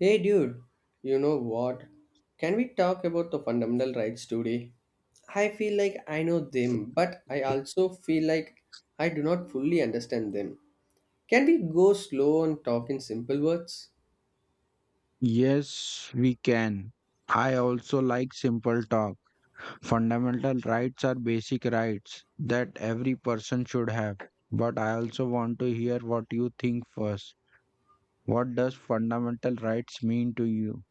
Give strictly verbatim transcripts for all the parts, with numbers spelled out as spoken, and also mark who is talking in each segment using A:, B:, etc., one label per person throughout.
A: Hey dude, you know what? Can we talk about the fundamental rights today? I feel like I know them, but I also feel like I do not fully understand them. Can we go slow and talk in simple words?
B: Yes, we can. I also like simple talk. Fundamental rights are basic rights that every person should have. But I also want to hear what you think first. What does fundamental rights mean to you?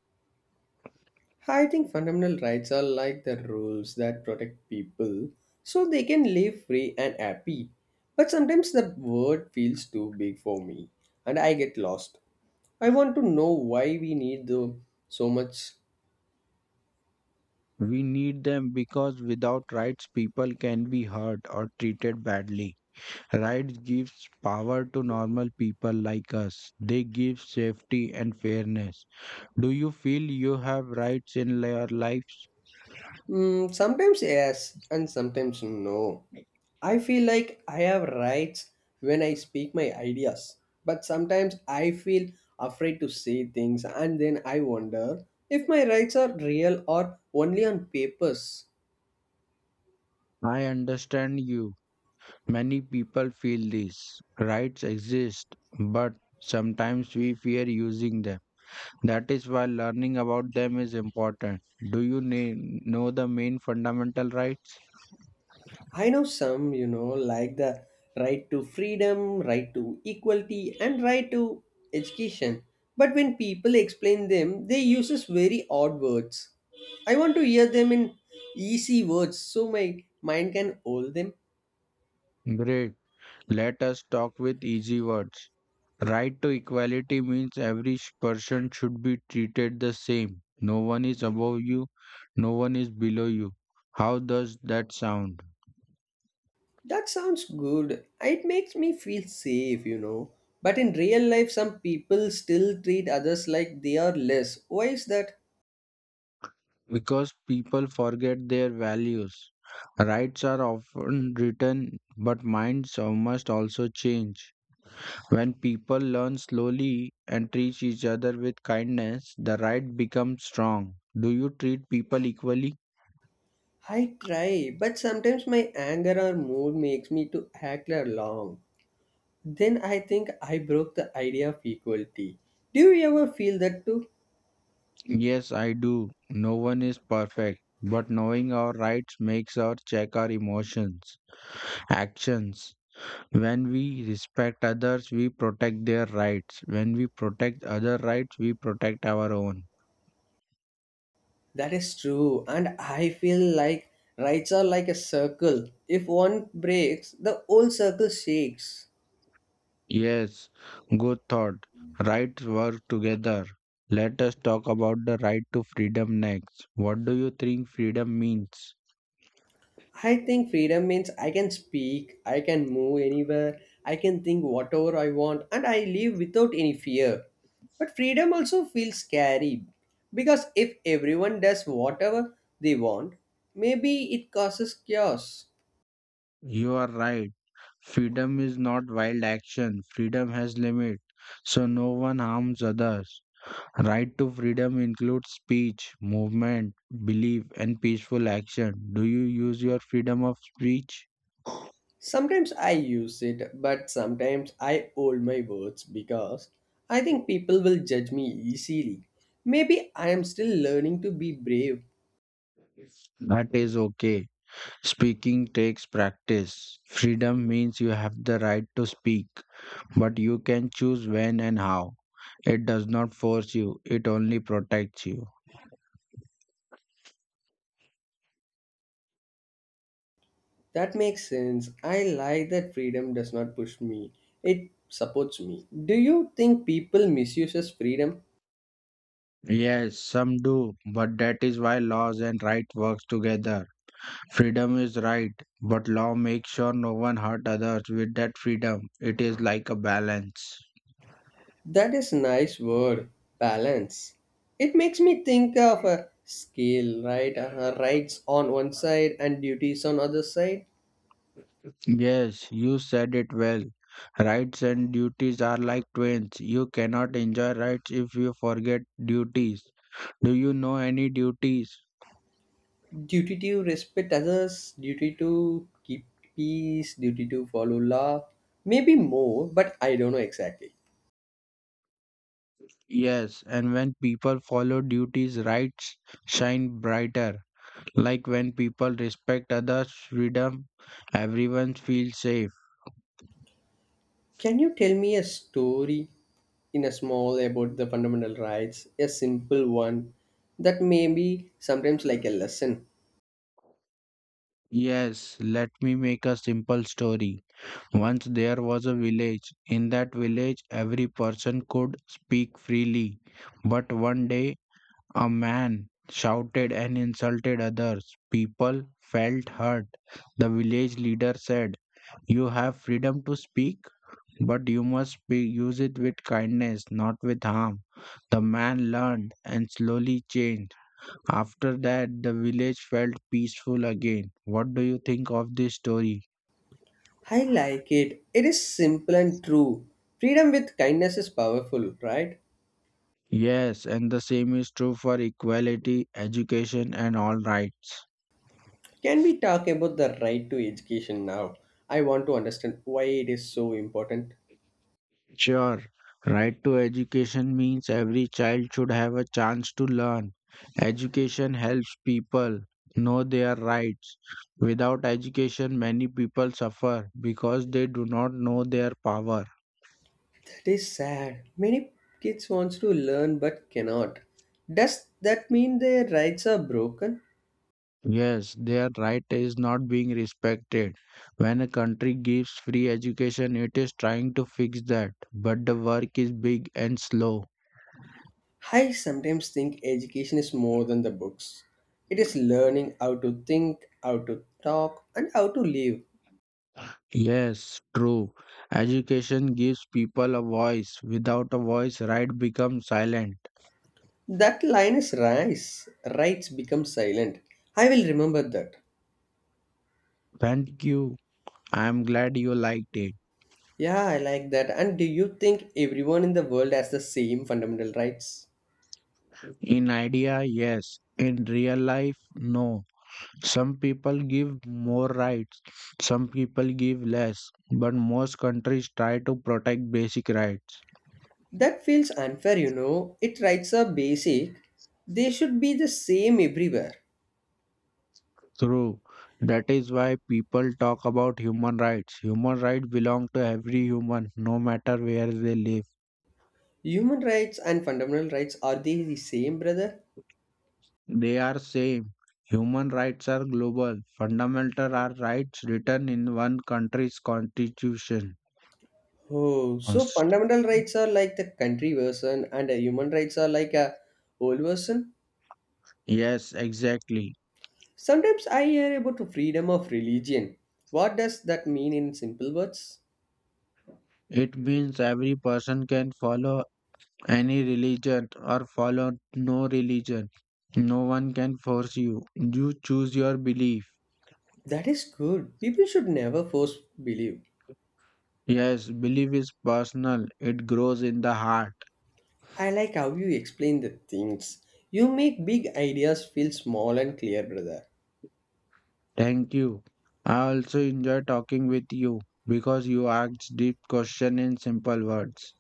A: I think fundamental rights are like the rules that protect people so they can live free and happy. But sometimes the word feels too big for me and I get lost. I want to know why we need the so much.
B: We need them because without rights, people can be hurt or treated badly. Rights gives power to normal people like us. They give safety and fairness. Do you feel you have rights in your life?
A: Mm, sometimes yes, and sometimes no. I feel like I have rights when I speak my ideas, but sometimes I feel afraid to say things, and then I wonder if my rights are real or only on papers.
B: I understand you. Many people feel this. Rights exist, but sometimes we fear using them. That is why learning about them is important. Do you na- know the main fundamental rights?
A: I know some, you know, like the right to freedom, right to equality, and right to education. But when people explain them, they uses very odd words. I want to hear them in easy words so my mind can hold them.
B: Great. Let us talk with easy words. Right to equality means every sh- person should be treated the same. No one is above you, no one is below you. How does that sound?
A: That sounds good. It makes me feel safe, you know. But in real life, some people still treat others like they are less. Why is that?
B: Because people forget their values. Rights are often written, but minds must also change. When people learn slowly and treat each other with kindness, the right becomes strong. Do you treat people equally?
A: I try, but sometimes my anger or mood makes me to act along. Then I think I broke the idea of equality. Do you ever feel that too?
B: Yes, I do. No one is perfect, but knowing our rights makes us check our emotions, actions. When we respect others, we protect their rights. When we protect other rights, we protect our own.
A: That is true, and I feel like rights are like a circle. If one breaks, the whole circle shakes.
B: Yes, good thought. Rights work together. Let us talk about the right to freedom next. What do you think freedom means?
A: I think freedom means I can speak, I can move anywhere, I can think whatever I want, and I live without any fear. But freedom also feels scary because if everyone does whatever they want, maybe it causes chaos.
B: You are right. Freedom is not wild action. Freedom has limit, so no one harms others. Right to freedom includes speech, movement, belief, and peaceful action. Do you use your freedom of speech?
A: Sometimes I use it, but sometimes I hold my words because I think people will judge me easily. Maybe I am still learning to be brave.
B: That is okay. Speaking takes practice. Freedom means you have the right to speak, but you can choose when and how. It does not force you, it only protects you.
A: That makes sense. I like that freedom does not push me, it supports me. Do you think people misuses freedom?
B: Yes, some do, but that is why laws and right works together. Freedom is right, but law makes sure no one hurt others with that freedom. It is like a balance.
A: That is nice word, balance. It makes me think of a scale, right? Uh, rights on one side and duties on other side.
B: Yes, you said it well. Rights and duties are like twins. You cannot enjoy rights if you forget duties. Do you know any duties?
A: Duty to respect others, duty to keep peace, duty to follow law, maybe more, but I don't know exactly.
B: Yes, and when people follow duties, rights shine brighter. Like when people respect others' freedom, everyone feels safe.
A: Can you tell me a story in a small about the fundamental rights, a simple one that may be sometimes like a lesson?
B: Yes, let me make a simple story. Once there was a village. In that village, every person could speak freely. But one day, a man shouted and insulted others. People felt hurt. The village leader said, "You have freedom to speak, but you must be, use it with kindness, not with harm." The man learned and slowly changed. After that, the village felt peaceful again. What do you think of this story?
A: I like it. It is simple and true. Freedom with kindness is powerful, right?
B: Yes, and the same is true for equality, education, and all rights.
A: Can we talk about the right to education now? I want to understand why it is so important.
B: Sure, right to education means every child should have a chance to learn. Education helps people know their rights. Without education, many people suffer because they do not know their power.
A: That is sad. Many kids wants to learn but cannot. Does that mean their rights are broken?
B: Yes, their right is not being respected. When a country gives free education, it is trying to fix that, but the work is big and slow.
A: I sometimes think education is more than the books. It is learning how to think, how to talk, and how to live.
B: Yes, true. Education gives people a voice. Without a voice, right becomes silent.
A: That line is rice. Rights become silent. I will remember that.
B: Thank you. I am glad you liked it.
A: Yeah, I like that. And do you think everyone in the world has the same fundamental rights?
B: In idea, yes. In real life, no. Some people give more rights, some people give less. But most countries try to protect basic rights.
A: That feels unfair, you know. It rights are basic. They should be the same everywhere.
B: True. That is why people talk about human rights. Human rights belong to every human, no matter where they live.
A: Human rights and fundamental rights are they the same, brother?
B: They are saying human rights are global. Fundamental are rights written in one country's constitution.
A: Oh, so
B: Cons-
A: fundamental rights are like the country version and uh, human rights are like a old version?
B: Yes, exactly.
A: Sometimes I hear about the freedom of religion. What does that mean in simple words?
B: It means every person can follow any religion or follow no religion. No one can force you. You choose your belief.
A: That is good. People should never force believe.
B: Yes, belief is personal. It grows in the heart.
A: I like how you explain the things. You make big ideas feel small and clear, brother.
B: Thank you. I also enjoy talking with you because you ask deep question in simple words.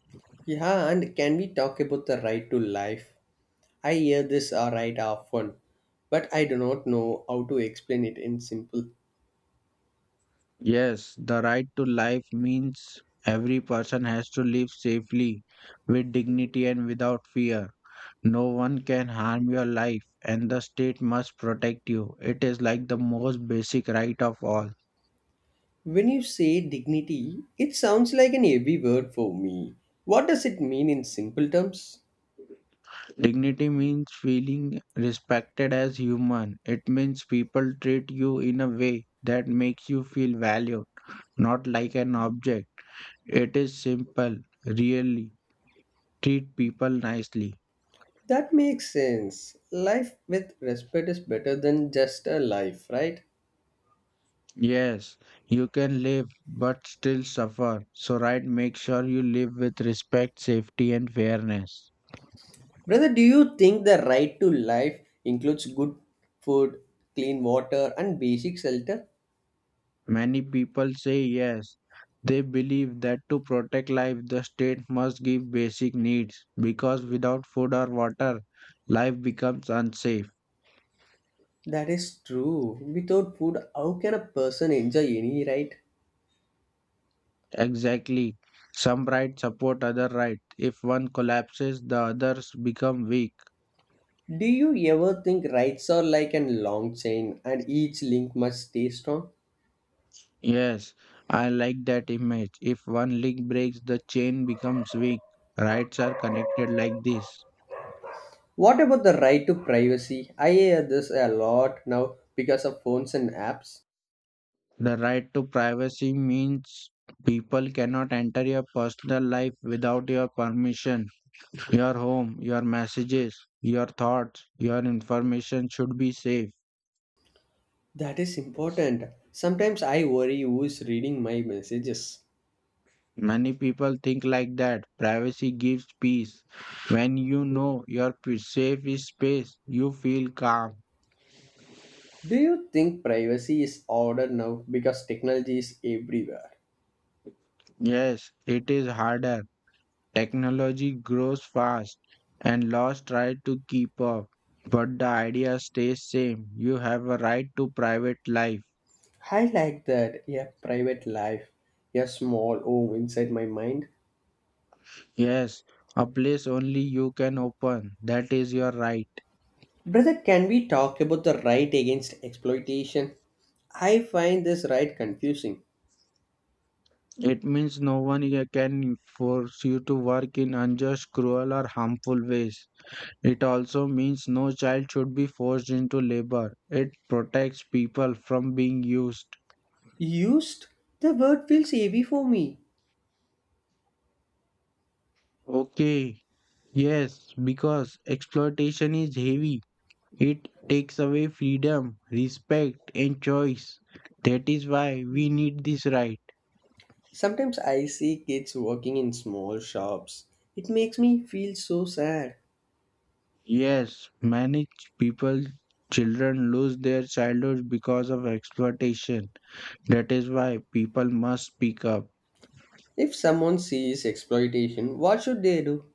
A: Yeah, and can we talk about the right to life? I hear this uh, right often, but I do not know how to explain it in simple.
B: Yes, the right to life means every person has to live safely, with dignity and without fear. No one can harm your life, and the state must protect you. It is like the most basic right of all.
A: When you say dignity, it sounds like an heavy word for me. What does it mean in simple terms?
B: Dignity means feeling respected as human. It means people treat you in a way that makes you feel valued, not like an object. It is simple, really. Treat people nicely.
A: That makes sense. Life with respect is better than just a life, right?
B: Yes, you can live but still suffer. So, right, make sure you live with respect, safety, and fairness.
A: Brother, do you think the right to life includes good food, clean water, and basic shelter?
B: Many people say yes. They believe that to protect life, the state must give basic needs because without food or water, life becomes unsafe.
A: That is true. Without food, how can a person enjoy any ride?
B: Exactly. Some rights support other rights. If one collapses, the others become weak.
A: Do you ever think rides are like a long chain and each link must stay strong?
B: Yes, I like that image. If one link breaks, the chain becomes weak. Rights are connected like this.
A: What about the right to privacy? I hear this a lot now because of phones and apps.
B: The right to privacy means people cannot enter your personal life without your permission. Your home, your messages, your thoughts, your information should be safe.
A: That is important. Sometimes I worry who is reading my messages.
B: Many people think like that. Privacy gives peace. When you know your p- safe is space, you feel calm.
A: Do you think privacy is ordered now because technology is everywhere?
B: Yes, it is harder. Technology grows fast and laws try to keep up, but the idea stays same. You have a right to private life.
A: I like that. Yeah, private life. A small home inside my mind.
B: Yes, a place only you can open. That is your right.
A: Brother, can we talk about the right against exploitation? I find this right confusing.
B: It means no one here can force you to work in unjust, cruel, or harmful ways. It also means no child should be forced into labor. It protects people from being used.
A: Used? The word feels heavy for me.
B: Okay, yes, because exploitation is heavy. It takes away freedom, respect, and choice. That is why we need this right.
A: Sometimes I see kids working in small shops. It makes me feel so sad.
B: Yes, many people, children lose their childhood because of exploitation. That is why people must speak up.
A: If someone sees exploitation, what should they do?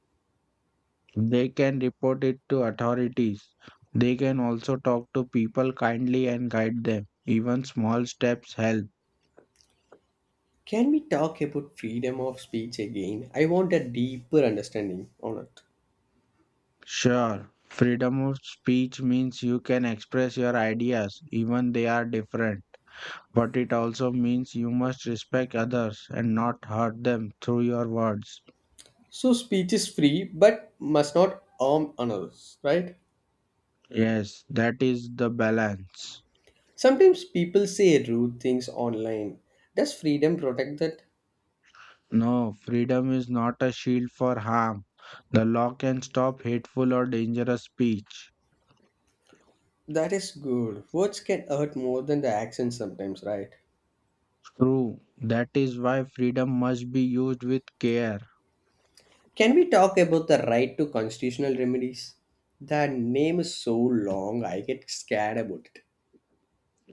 B: They can report it to authorities. They can also talk to people kindly and guide them. Even small steps help.
A: Can we talk about freedom of speech again? I want a deeper understanding on it.
B: Sure, freedom of speech means you can express your ideas, even they are different. But it also means you must respect others and not hurt them through your words.
A: So, speech is free but must not harm others, right?
B: Yes, that is the balance.
A: Sometimes people say rude things online. Does freedom protect that?
B: No, freedom is not a shield for harm. The law can stop hateful or dangerous speech.
A: That is good. Words can hurt more than the actions sometimes, right?
B: True, that is why freedom must be used with care.
A: Can we talk about the right to constitutional remedies? The name is so long, I get scared about it.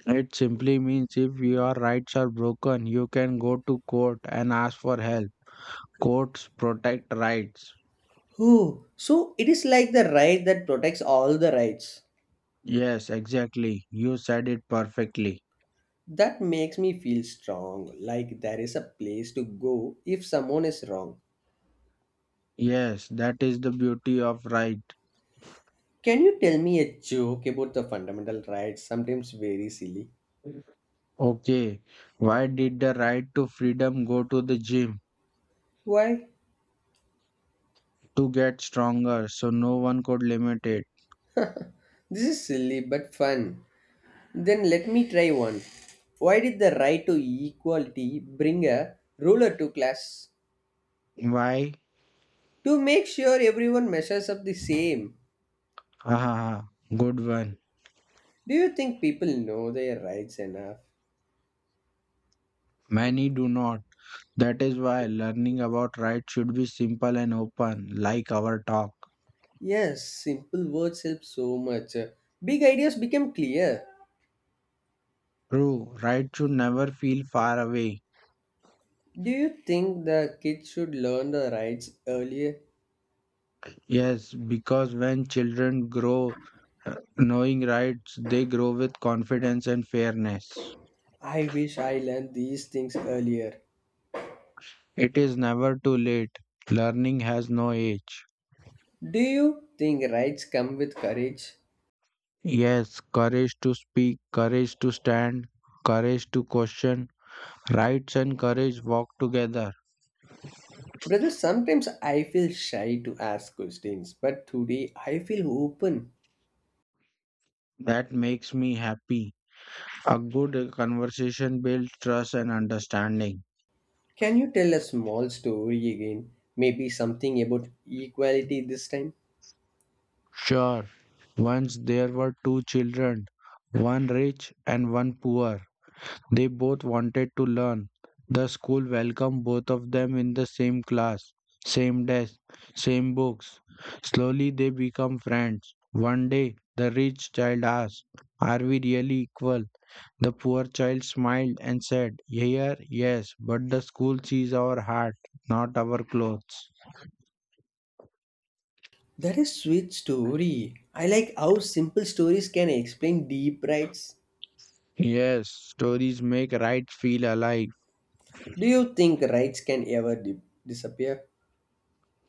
B: It simply means if your rights are broken, you can go to court and ask for help. Courts protect rights.
A: Oh, so it is like the right that protects all the rights.
B: Yes, exactly. You said it perfectly.
A: That makes me feel strong, like there is a place to go if someone is wrong.
B: Yes, that is the beauty of right.
A: Can you tell me a joke about the fundamental rights? Sometimes very silly.
B: Okay, why did the right to freedom go to the gym?
A: Why?
B: To get stronger, so no one could limit it.
A: This is silly but fun. Then let me try one. Why did the right to equality bring a ruler to class?
B: Why?
A: To make sure everyone measures up the same.
B: Ha ha ha! Good one.
A: Do you think people know their rights enough?
B: Many do not. That is why learning about right should be simple and open, like our talk.
A: Yes, simple words help so much. Big ideas become clear.
B: True, right should never feel far away.
A: Do you think the kids should learn the rights earlier?
B: Yes, because when children grow uh, knowing rights, they grow with confidence and fairness.
A: I wish I learned these things earlier.
B: It is never too late. Learning has no age.
A: Do you think rights come with courage?
B: Yes, courage to speak, courage to stand, courage to question. Rights and courage walk together.
A: Brother, sometimes I feel shy to ask questions, but today I feel open.
B: That makes me happy. A good conversation builds trust and understanding.
A: Can you tell a small story again? Maybe something about equality this time?
B: Sure, once there were two children, one rich and one poor. They both wanted to learn. The school welcomed both of them in the same class, same desk, same books. Slowly they become friends. One day, the rich child asked, "Are we really equal?" The poor child smiled and said, "Here, yes, but the school sees our heart, not our clothes."
A: That is sweet story. I like how simple stories can explain deep rights.
B: Yes, stories make rights feel alive.
A: Do you think rights can ever di- disappear?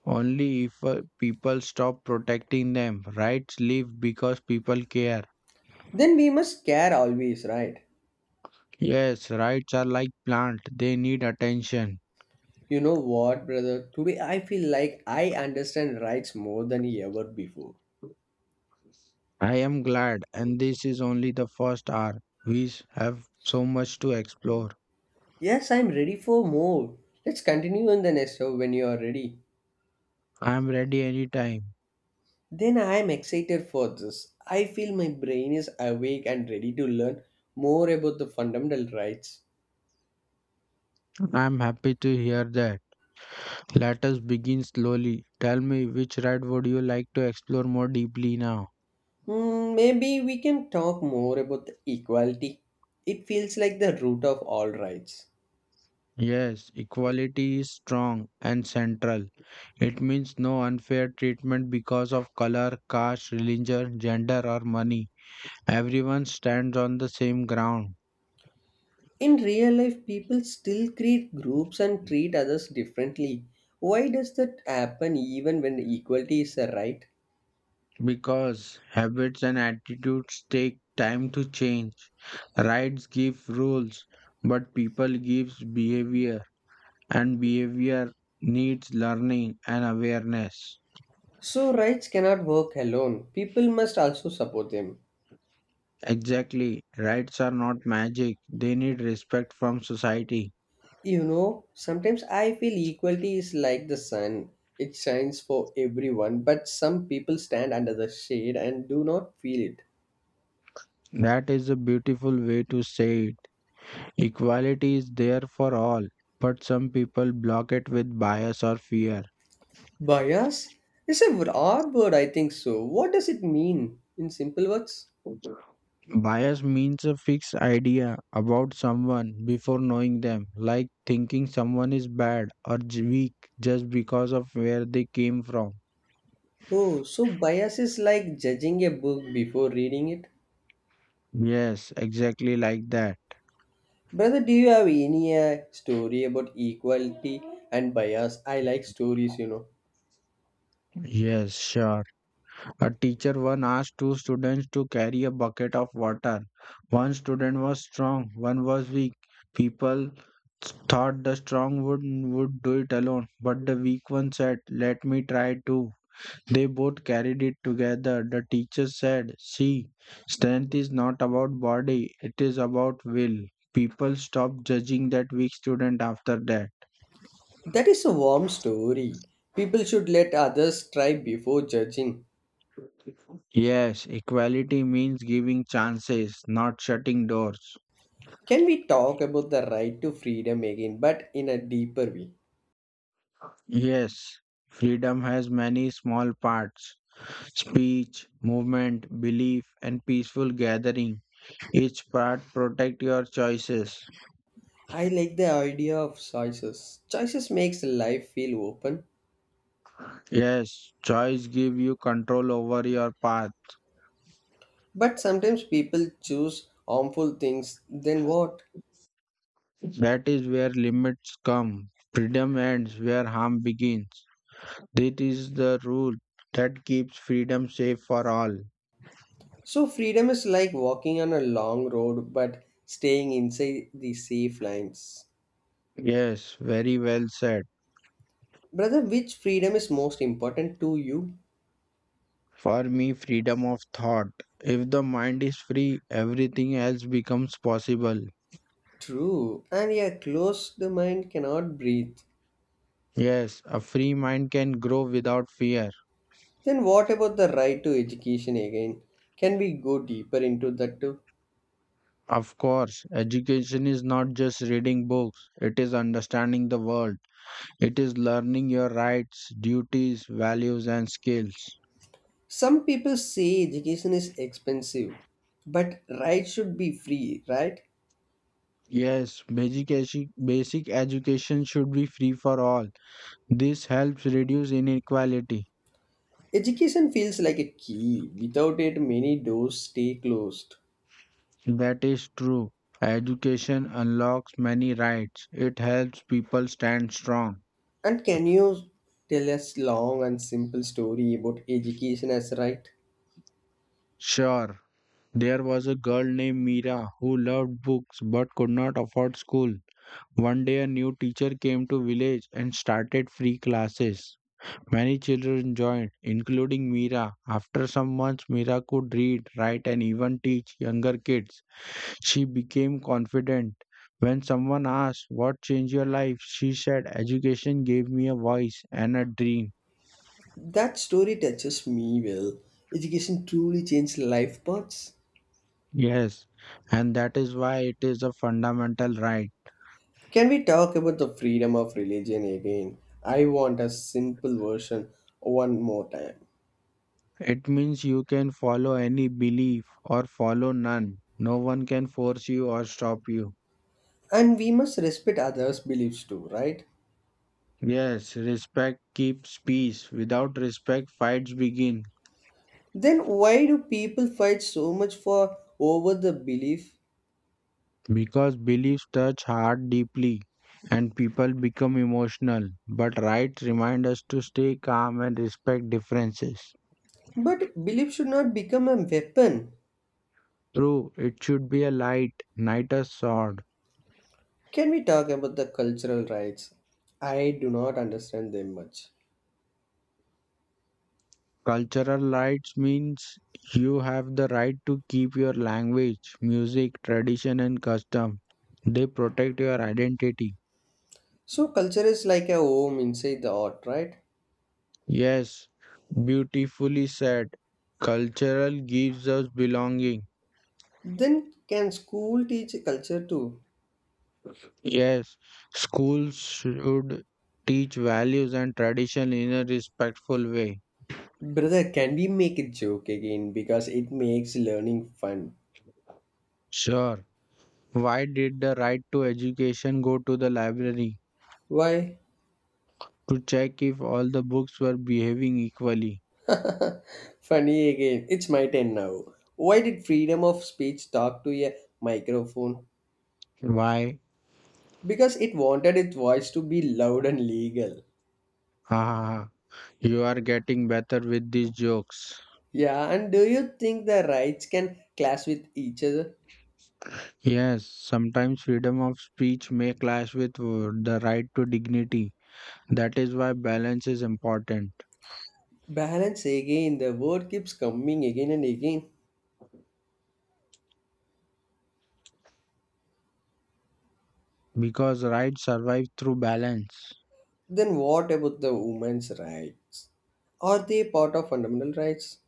B: Only if uh, people stop protecting them, rights live because people care.
A: Then we must care always, right?
B: Yes, rights are like plant, they need attention.
A: You know what, brother? Today I feel like I understand rights more than ever before.
B: I am glad, and this is only the first hour. We s- have so much to explore.
A: Yes, I'm ready for more. Let's continue in the next show when you are ready.
B: I am ready anytime.
A: Then I am excited for this. I feel my brain is awake and ready to learn more about the fundamental rights.
B: I am happy to hear that. Let us begin slowly. Tell me which right would you like to explore more deeply now?
A: Hmm, maybe we can talk more about the equality. It feels like the root of all rights.
B: Yes, equality is strong and central. It means no unfair treatment because of color, caste, religion, gender, or money. Everyone stands on the same ground.
A: In real life, people still create groups and treat others differently. Why does that happen even when equality is a right?
B: Because habits and attitudes take time to change. Rights give rules, but people gives behavior, and behavior needs learning and awareness.
A: So, rights cannot work alone. People must also support them.
B: Exactly, rights are not magic, they need respect from society.
A: You know, sometimes I feel equality is like the sun. It shines for everyone, but some people stand under the shade and do not feel it.
B: That is a beautiful way to say it. Equality is there for all, but some people block it with bias or fear.
A: Bias is a broad word, I think so. What does it mean in simple words?
B: Bias means a fixed idea about someone before knowing them, like thinking someone is bad or j- weak just because of where they came from.
A: Oh, so bias is like judging a book before reading it.
B: Yes, exactly like that.
A: Brother, do you have any uh, story about equality and bias? I like stories, you know.
B: Yes, sure. A teacher once asked two students to carry a bucket of water. One student was strong, one was weak. People thought the strong would would do it alone, but the weak one said, "Let me try too." They both carried it together. The teacher said, "See, strength is not about body, it is about will." People stop judging that weak student after that.
A: That is a warm story. People should let others try before judging.
B: Yes, equality means giving chances, not shutting doors.
A: Can we talk about the right to freedom again, but in a deeper way?
B: Yes, freedom has many small parts: speech, movement, belief, and peaceful gathering. Each part protect your choices.
A: I like the idea of choices. Choices makes life feel open,
B: Yes, choice give you control over your path.
A: but sometimes people choose harmful things. Then what?
B: That is where limits come. Freedom ends where harm begins. This is the rule that keeps freedom safe for all.
A: So freedom is like walking on a long road, but staying inside the safe lines.
B: Yes, very well said.
A: Brother, which freedom is most important to you?
B: For me, freedom of thought. If the mind is free, everything else becomes possible.
A: True, and a closed mind cannot breathe.
B: Yes, a free mind can grow without fear.
A: Then what about the right to education again? Can we go deeper into that too?
B: Of course, education is not just reading books, it is understanding the world. It is learning your rights, duties, values, and skills.
A: Some people say education is expensive, but right should be free, right?
B: Yes, basic, edu- basic education should be free for all. This helps reduce inequality.
A: Education feels like a key. Without it, many doors stay closed.
B: That is true. Education unlocks many rights. It helps people stand strong.
A: And can you tell us long and simple story about education as right?
B: Sure, there was a girl named Mira who loved books but could not afford school. One day a new teacher came to village and started free classes. Many children joined, including Mira. After some months, Mira could read, write and even teach younger kids. She became confident. When someone asked, "What changed your life?" she said, "Education gave me a voice and a dream."
A: That story touches me well. Education truly changed life paths.
B: Yes, and that is why it is a fundamental right.
A: Can we talk about the freedom of religion again? I want a simple version one more time.
B: It means you can follow any belief or follow none. No one can force you or stop you.
A: And we must respect others' beliefs too, right?
B: Yes, respect keeps peace. Without respect, fights begin.
A: Then why do people fight so much for over the belief?
B: Because beliefs touch heart deeply, and people become emotional, but rights remind us to stay calm and respect differences.
A: But belief should not become a weapon.
B: True, it should be a light, not a sword.
A: Can we talk about the cultural rights? I do not understand them much.
B: Cultural rights means you have the right to keep your language, music, tradition and custom. They protect your identity.
A: So culture is like a home inside the art, right?
B: Yes, beautifully said. Cultural gives us belonging.
A: Then can school teach culture too?
B: Yes, schools should teach values and tradition in a respectful way.
A: Brother, can we make a joke again because it makes learning fun?
B: Sure. Why did the right to education go to the library?
A: Why?
B: To check if all the books were behaving equally.
A: Funny again. It's my turn now. Why did freedom of speech talk to a microphone?
B: Why?
A: Because it wanted its voice to be loud and legal.
B: Ha ha ha! You are getting better with these jokes.
A: Yeah, and do you think the rights can clash with each other?
B: Yes, sometimes freedom of speech may clash with uh, the right to dignity. That is why balance is important,
A: Balance again, the word keeps coming again and again.
B: because rights survive through balance.
A: Then what about the women's rights? Are they part of fundamental rights?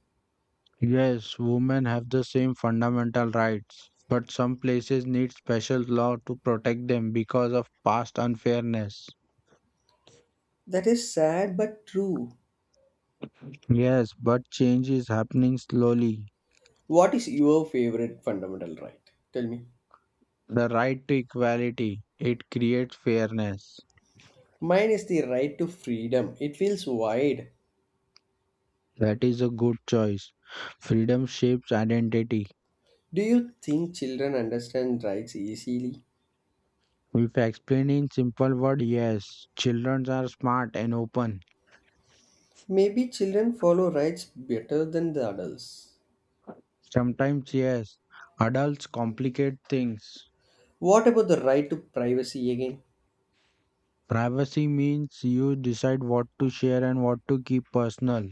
B: Yes, women have the same fundamental rights, but some places need special law to protect them because of past unfairness.
A: That is sad but true.
B: Yes, but change is happening slowly.
A: What is your favorite fundamental right? Tell me.
B: The right to equality, it creates fairness.
A: Mine is the right to freedom. It feels wide.
B: That is a good choice. Freedom shapes identity.
A: Do you think children understand rights easily?
B: If explained in simple words, yes, children are smart and open.
A: Maybe children follow rights better than the adults.
B: Sometimes, yes, adults complicate things.
A: What about the right to privacy again?
B: Privacy means you decide what to share and what to keep personal.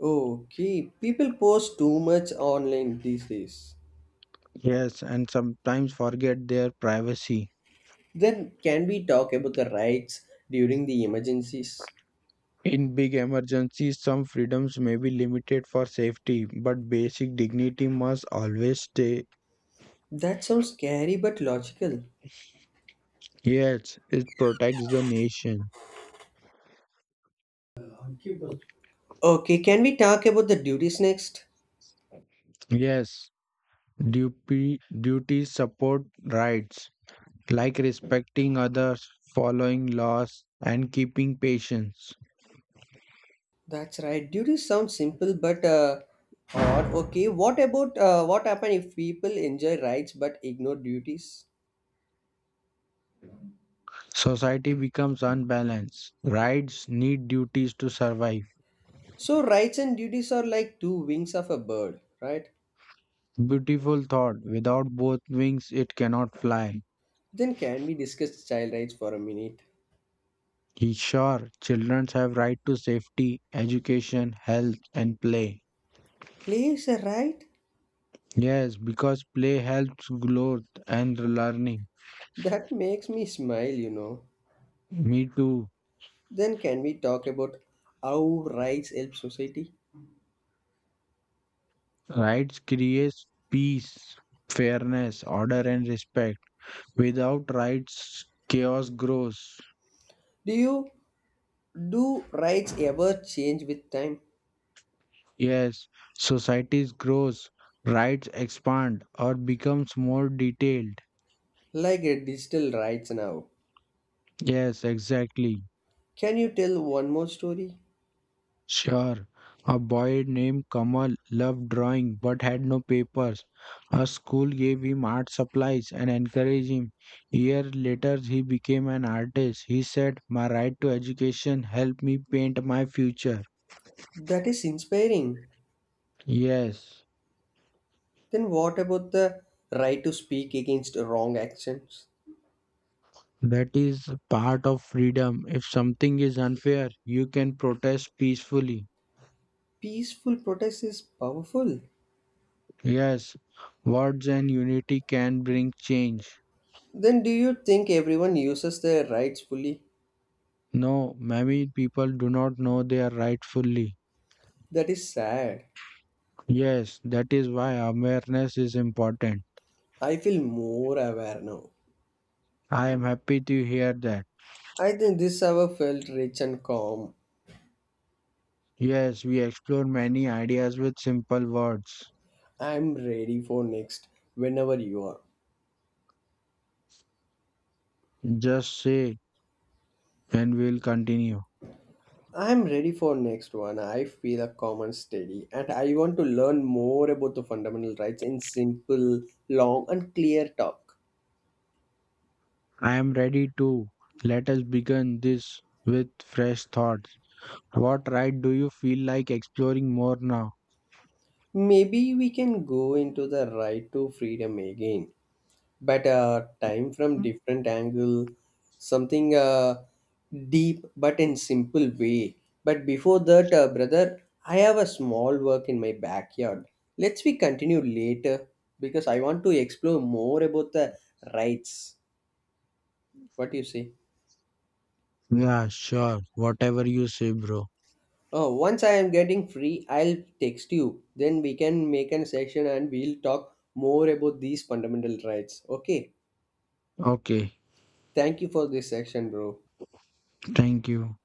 A: Okay, people post too much online these days.
B: Yes, and sometimes forget their privacy.
A: Then can we talk about the rights during the emergencies?
B: In big emergencies, some freedoms may be limited for safety, but basic dignity must always stay.
A: That sounds scary but logical.
B: Yes, it protects the nation.
A: Okay, can we talk about the duties next?
B: Yes, duty, duties support rights, like respecting others, following laws, and keeping patience.
A: That's right. Duties sound simple but uh, odd. Okay, what about uh, what happen if people enjoy rights but ignore duties?
B: Society becomes unbalanced. Rights need duties to survive.
A: So rights and duties are like two wings of a bird, right?
B: Beautiful thought. Without both wings, it cannot fly.
A: Then can we discuss child rights for a minute?
B: He- Sure, children have right to safety, education, health, and play.
A: Please, a right?
B: Yes, because play helps growth and learning.
A: That makes me smile, you know.
B: Me too.
A: Then can we talk about how rights help society?
B: Rights creates peace, fairness, order, and respect. Without rights, chaos grows.
A: Do you do rights ever change with time?
B: Yes, societies grows, rights expand or becomes more detailed.
A: Like uh, digital rights now.
B: Yes, exactly.
A: Can you tell one more story?
B: Sure. A boy named Kamal loved drawing but had no papers. A school gave him art supplies and encouraged him. Year later he became an artist. He said, "My right to education helped me paint my future."
A: That is inspiring.
B: Yes,
A: Then what about the right to speak against wrong actions?
B: that is part of freedom. If something is unfair, you can protest peacefully.
A: Peaceful protest is powerful.
B: Yes, words and unity can bring change.
A: Then do you think everyone uses their rights fully?
B: No, many people do not know their right fully.
A: That is sad.
B: Yes, that is why awareness is important.
A: I feel more aware now.
B: I am happy to hear that.
A: I think this hour felt rich and calm.
B: Yes, we explore many ideas with simple words.
A: I'm ready for next whenever you are.
B: Just say, and we'll continue.
A: I'm ready for next one. I feel a calm and steady and I want to learn more about the fundamental rights in simple, long and clear talk.
B: I am ready too. Let us begin this with fresh thoughts. What right do you feel like exploring more now?
A: Maybe we can go into the right to freedom again, but uh, time from different angle, something uh, deep but in simple way. But before that, uh, brother, I have a small work in my backyard.
B: Mm.
A: Let's we continue later because I want to explore more about the rights. What do you say?
B: Yeah, sure. Whatever you say, bro.
A: Oh, once I am getting free, I'll text you. Then we can make an session and we'll talk more about these fundamental rights, okay?
B: Okay.
A: Thank you for this session, bro.
B: Thank you.